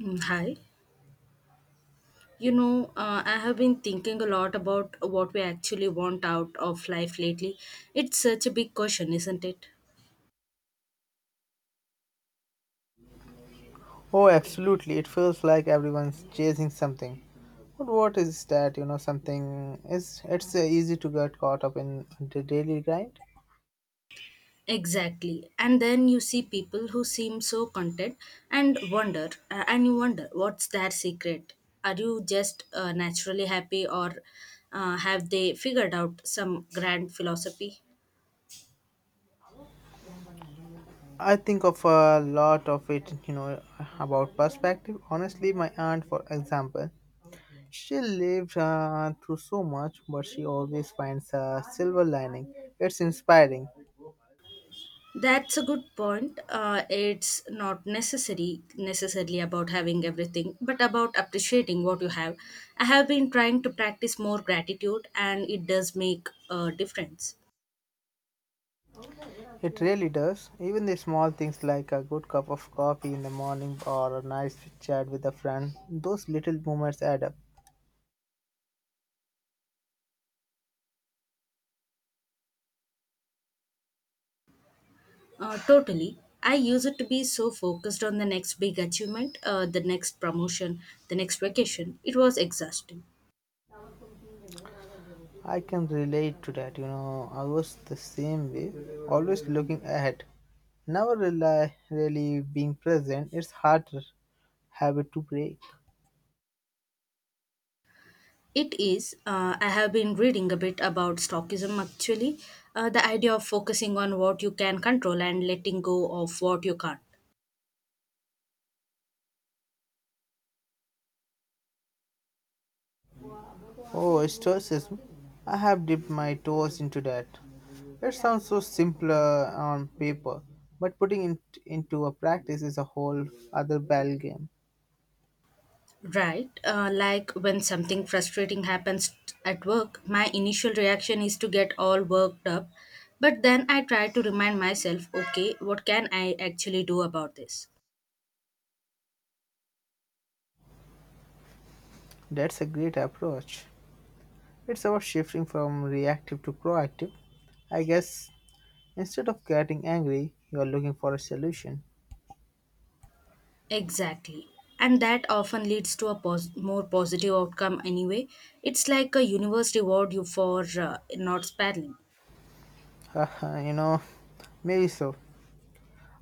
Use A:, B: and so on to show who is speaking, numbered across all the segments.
A: Mm, hi. I have been thinking a lot about what we actually want out of life lately. It's such a big question, isn't it?
B: Oh, absolutely. It feels like everyone's chasing something. But what is that? You know, something is it's easy to get caught up in the daily grind.
A: Exactly. And then you see people who seem so content and you wonder what's their secret. Are you just naturally happy, or have they figured out some grand philosophy?
B: I think of a lot of it, you know, about perspective. Honestly, my aunt, for example, she lived through so much, but she always finds a silver lining. It's inspiring.
A: That's a good point. It's not necessary necessarily about having everything, but about appreciating what you have. I have been trying to practice more gratitude, and it does make a difference.
B: It really does. Even the small things like a good cup of coffee in the morning or a nice chat with a friend, those little moments add up.
A: Totally. I used to be so focused on the next big achievement, the next promotion, the next vacation. It was exhausting.
B: I can relate to that. You know, I was the same way, always looking ahead, never rely, really being present. It's harder habit to break.
A: It is. I have been reading a bit about stockism actually, the idea of focusing on what you can control and letting go of what you can't.
B: Oh, stoicism. I have dipped my toes into that. It sounds so simpler on paper, but putting it into a practice is a whole other ball game.
A: Right. Like when something frustrating happens at work, my initial reaction is to get all worked up. But then I try to remind myself, okay, what can I actually do about this?
B: That's a great approach. It's about shifting from reactive to proactive. I guess instead of getting angry, you are looking for a solution.
A: Exactly. And that often leads to a more positive outcome anyway. It's like a universe reward you for not spelling.
B: you know, maybe so.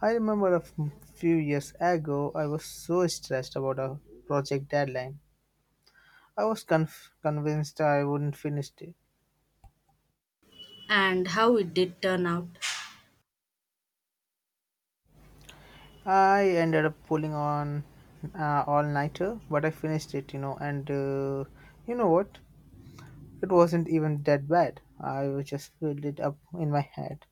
B: I remember few years ago, I was so stressed about a project deadline. I was convinced I wouldn't finish it.
A: And how it did turn out.
B: I ended up pulling on all nighter, but I finished it, you know, and you know what? It wasn't even that bad. I was just filled it up in my head.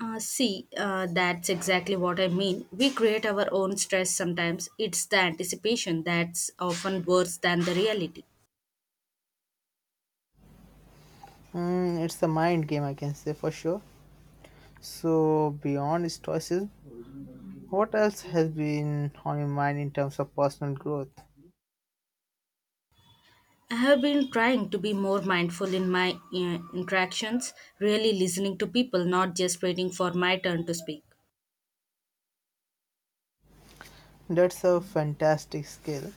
A: See, that's exactly what I mean. We create our own stress sometimes. It's the anticipation that's often worse than the reality.
B: Mm, it's a mind game, I can say for sure. So, beyond stoicism, what else has been on your mind in terms of personal growth?
A: I have been trying to be more mindful in my interactions, really listening to people, not just waiting for my turn to speak.
B: That's a fantastic skill.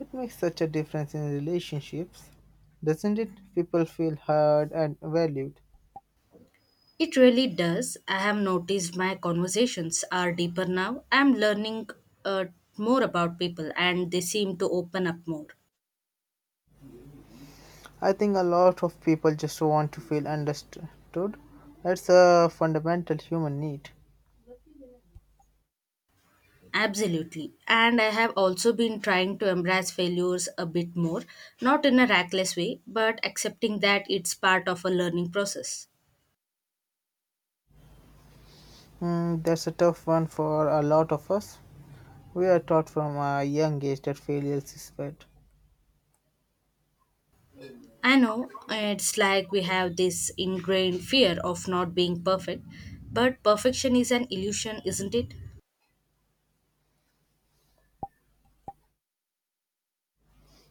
B: It makes such a difference in relationships, doesn't it? People feel heard and valued.
A: It really does. I have noticed my conversations are deeper now. I'm learning uh, more about people and they seem to open up more.
B: I think a lot of people just want to feel understood. That's a fundamental human need.
A: Absolutely. And I have also been trying to embrace failures a bit more, not in a reckless way, but accepting that it's part of a learning process.
B: Mm, that's a tough one for a lot of us. We are taught from a young age that failure is bad.
A: I know it's like we have this ingrained fear of not being perfect, but perfection is an illusion, isn't it?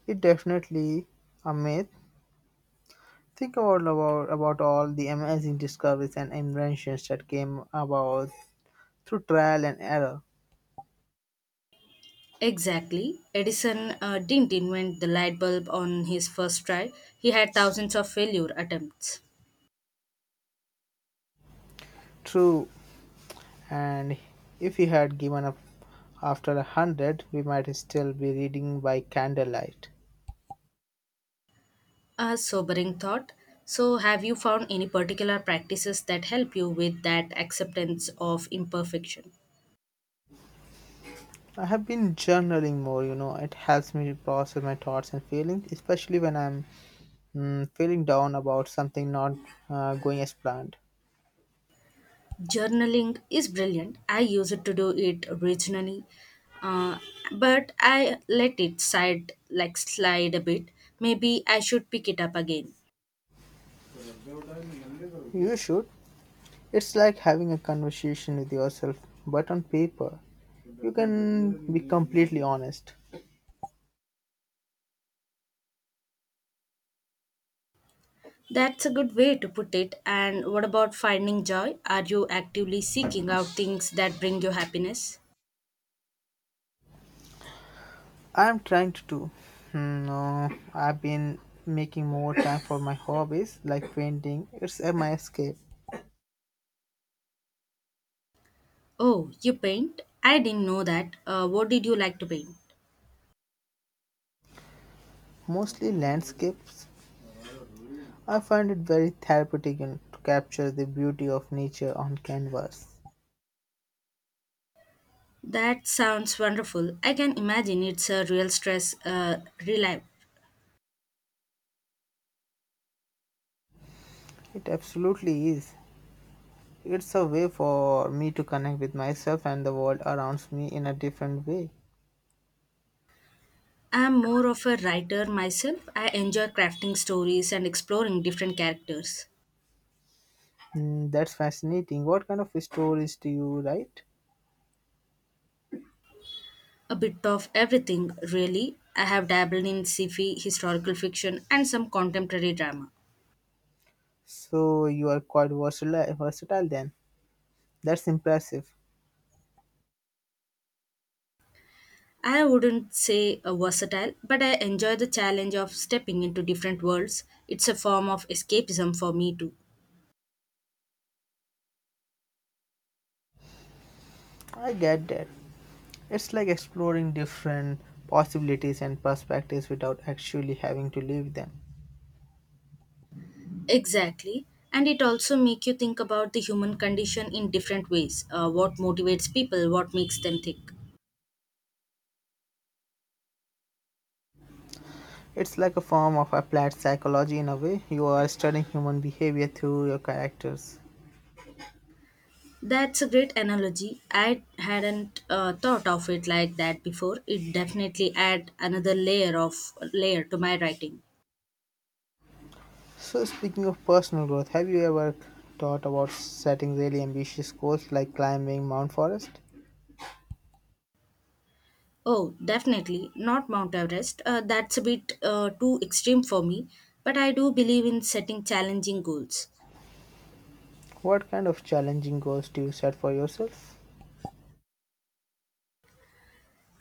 B: It's definitely a myth. Think about all the amazing discoveries and inventions that came about through trial and error.
A: Exactly. Edison didn't invent the light bulb on his first try, he had thousands of failure attempts.
B: True, and if we had given up after a hundred, we might still be reading by candlelight.
A: A sobering thought. So, have you found any particular practices that help you with that acceptance of imperfection?
B: I have been journaling more, you know, it helps me process my thoughts and feelings, especially when I'm feeling down about something not going as planned.
A: Journaling is brilliant. I use it to do it originally, uh, but I let it side like slide a bit. Maybe I should pick it up again.
B: You should. It's like having a conversation with yourself, but on paper, you can be completely honest.
A: That's a good way to put it. And what about finding joy? Are you actively seeking out things that bring you happiness?
B: I'm trying to do. Hmm. No, I've been making more time for my hobbies like painting. It's my escape.
A: Oh, you paint? I didn't know that. What did you like to paint?
B: Mostly landscapes. I find it very therapeutic and to capture the beauty of nature on canvas.
A: That sounds wonderful. I can imagine it's a real stress relief.
B: It absolutely is. It's a way for me to connect with myself and the world around me in a different way.
A: I'm more of a writer myself. I enjoy crafting stories and exploring different characters.
B: Mm, that's fascinating. What kind of stories do you write?
A: A bit of everything, really. I have dabbled in sci-fi, historical fiction, and some contemporary drama.
B: So you are versatile then. That's impressive.
A: I wouldn't say a versatile, but I enjoy the challenge of stepping into different worlds. It's a form of escapism for me too.
B: I get that. It's like exploring different possibilities and perspectives without actually having to live them.
A: Exactly. And it also make you think about the human condition in different ways. What motivates people, what makes them think.
B: It's like a form of applied psychology in a way. You are studying human behavior through your characters.
A: That's a great analogy. I hadn't thought of it like that before. It definitely add another layer to my writing.
B: So speaking of personal growth, have you ever thought about setting really ambitious goals like climbing Mount Forest?
A: Oh, definitely not Mount Everest. That's a bit too extreme for me, but I do believe in setting challenging goals.
B: What kind of challenging goals do you set for yourself?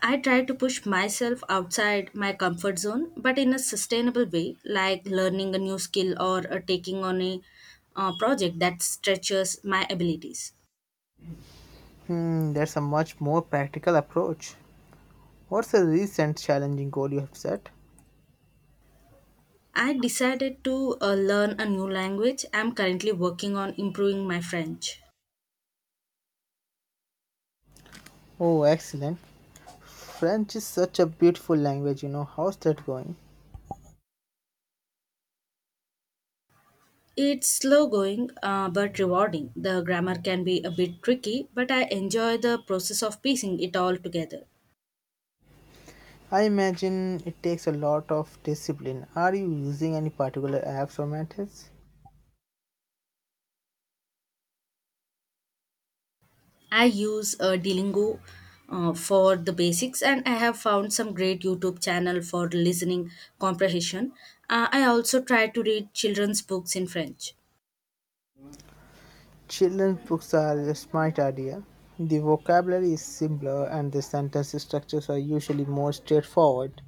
A: I try to push myself outside my comfort zone, but in a sustainable way, like learning a new skill or taking on a project that stretches my abilities.
B: Hmm, that's a much more practical approach. What's a recent challenging goal you have set?
A: I decided to learn a new language. I'm currently working on improving my French.
B: Oh, excellent. French is such a beautiful language, you know. How's that going?
A: It's slow going but rewarding. The grammar can be a bit tricky, but I enjoy the process of piecing it all together.
B: I imagine it takes a lot of discipline. Are you using any particular apps or methods?
A: I use Duolingo for the basics, and I have found some great YouTube channel for listening comprehension. I also try to read children's books in French.
B: Children's books are a smart idea. The vocabulary is simpler and the sentence structures are usually more straightforward.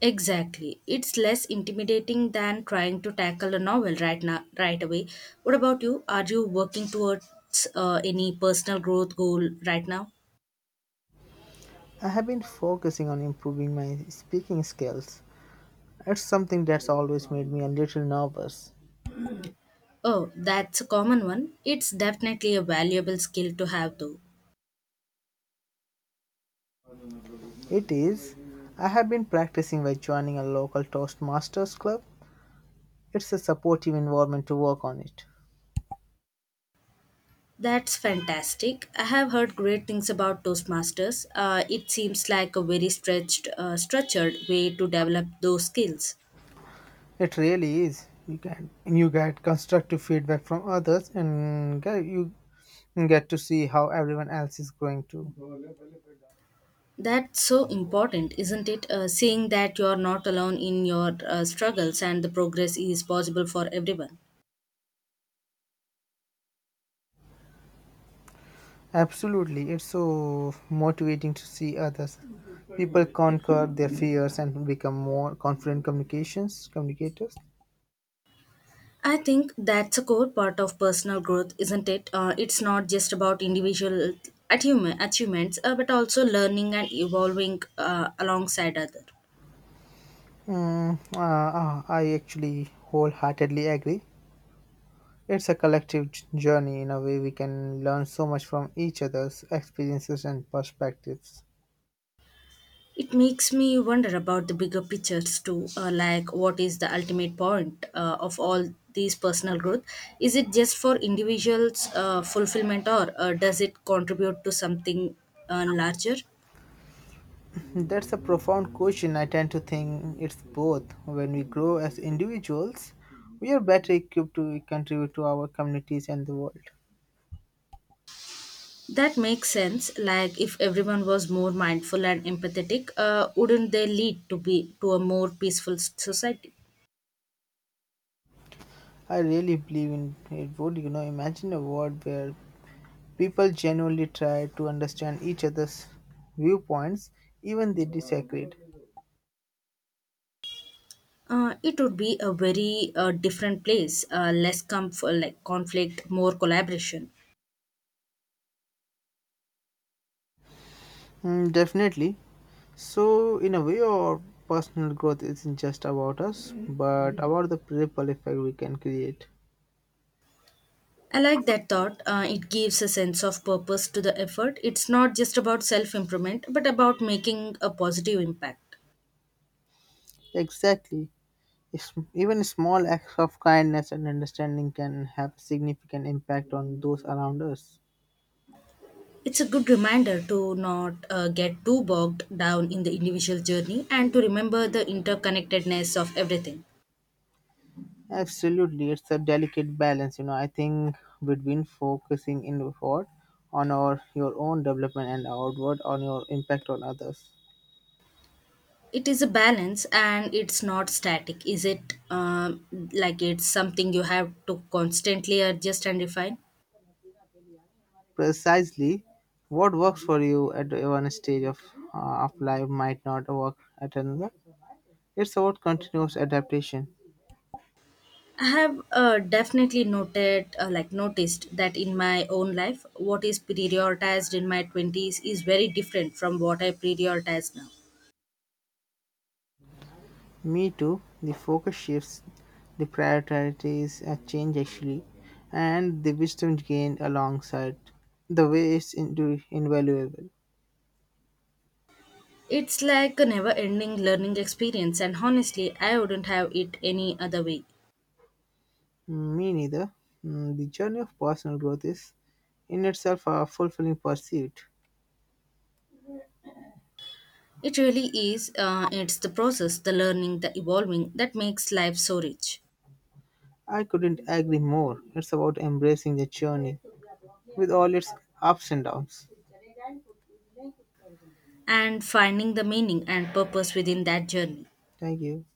A: Exactly, it's less intimidating than trying to tackle a novel right away. What about you? Are you working towards any personal growth goal right now?
B: I have been focusing on improving my speaking skills. It's something that's always made me a little nervous.
A: Oh, that's a common one. It's definitely a valuable skill to have, though.
B: It is. I have been practicing by joining a local Toastmasters club. It's a supportive environment to work on it.
A: That's fantastic. I have heard great things about Toastmasters. It seems like a very structured way to develop those skills.
B: It really is. You get constructive feedback from others, and you get to see how everyone else is growing too.
A: That's so important, isn't it? Seeing that you're not alone in your struggles and the progress is possible for everyone.
B: Absolutely, it's so motivating to see others. People conquer their fears and become more confident communications communicators.
A: I think that's a core part of personal growth, isn't it? It's not just about achievements, but also learning and evolving alongside others.
B: I actually wholeheartedly agree. It's a collective journey in a way we can learn so much from each other's experiences and perspectives.
A: It makes me wonder about the bigger pictures too, like what is the ultimate point of all these personal growth? Is it just for individuals' fulfillment, or does it contribute to something larger?
B: That's a profound question. I tend to think it's both. When we grow as individuals, we are better equipped to contribute to our communities and the world.
A: That makes sense. Like if everyone was more mindful and empathetic, wouldn't they lead to a more peaceful society?
B: I really believe in it would, you know, imagine a world where people genuinely try to understand each other's viewpoints, even they disagreed.
A: It would be a very different place, less conflict, more collaboration.
B: Mm, definitely. So, in a way, our personal growth isn't just about us, but about the ripple effect we can create.
A: I like that thought. It gives a sense of purpose to the effort. It's not just about self improvement, but about making a positive impact.
B: Exactly. It's, even small acts of kindness and understanding can have significant impact on those around us.
A: It's a good reminder to not get too bogged down in the individual journey and to remember the interconnectedness of everything.
B: Absolutely, it's a delicate balance, you know. I think between focusing inward on our your own development and outward on your impact on others.
A: It is a balance and it's not static, is it? Um like it's something you have to constantly adjust and refine?
B: Precisely what works for you at one stage of life might not work at another. It's about continuous adaptation.
A: I have definitely noted, like noticed that in my own life, what is prioritized in my 20s is very different from what I prioritize now.
B: Me too, the focus shifts, the priorities change actually, and the wisdom gained alongside the way is invaluable.
A: It's like a never ending learning experience, and honestly, I wouldn't have it any other way.
B: Me neither. Mm, the journey of personal growth is in itself a fulfilling pursuit.
A: It really is, it's the process, the learning, the evolving that makes life so rich,
B: I couldn't agree more. It's about embracing the journey with all its ups and downs.
A: and finding the meaning and purpose within that journey.
B: Thank you.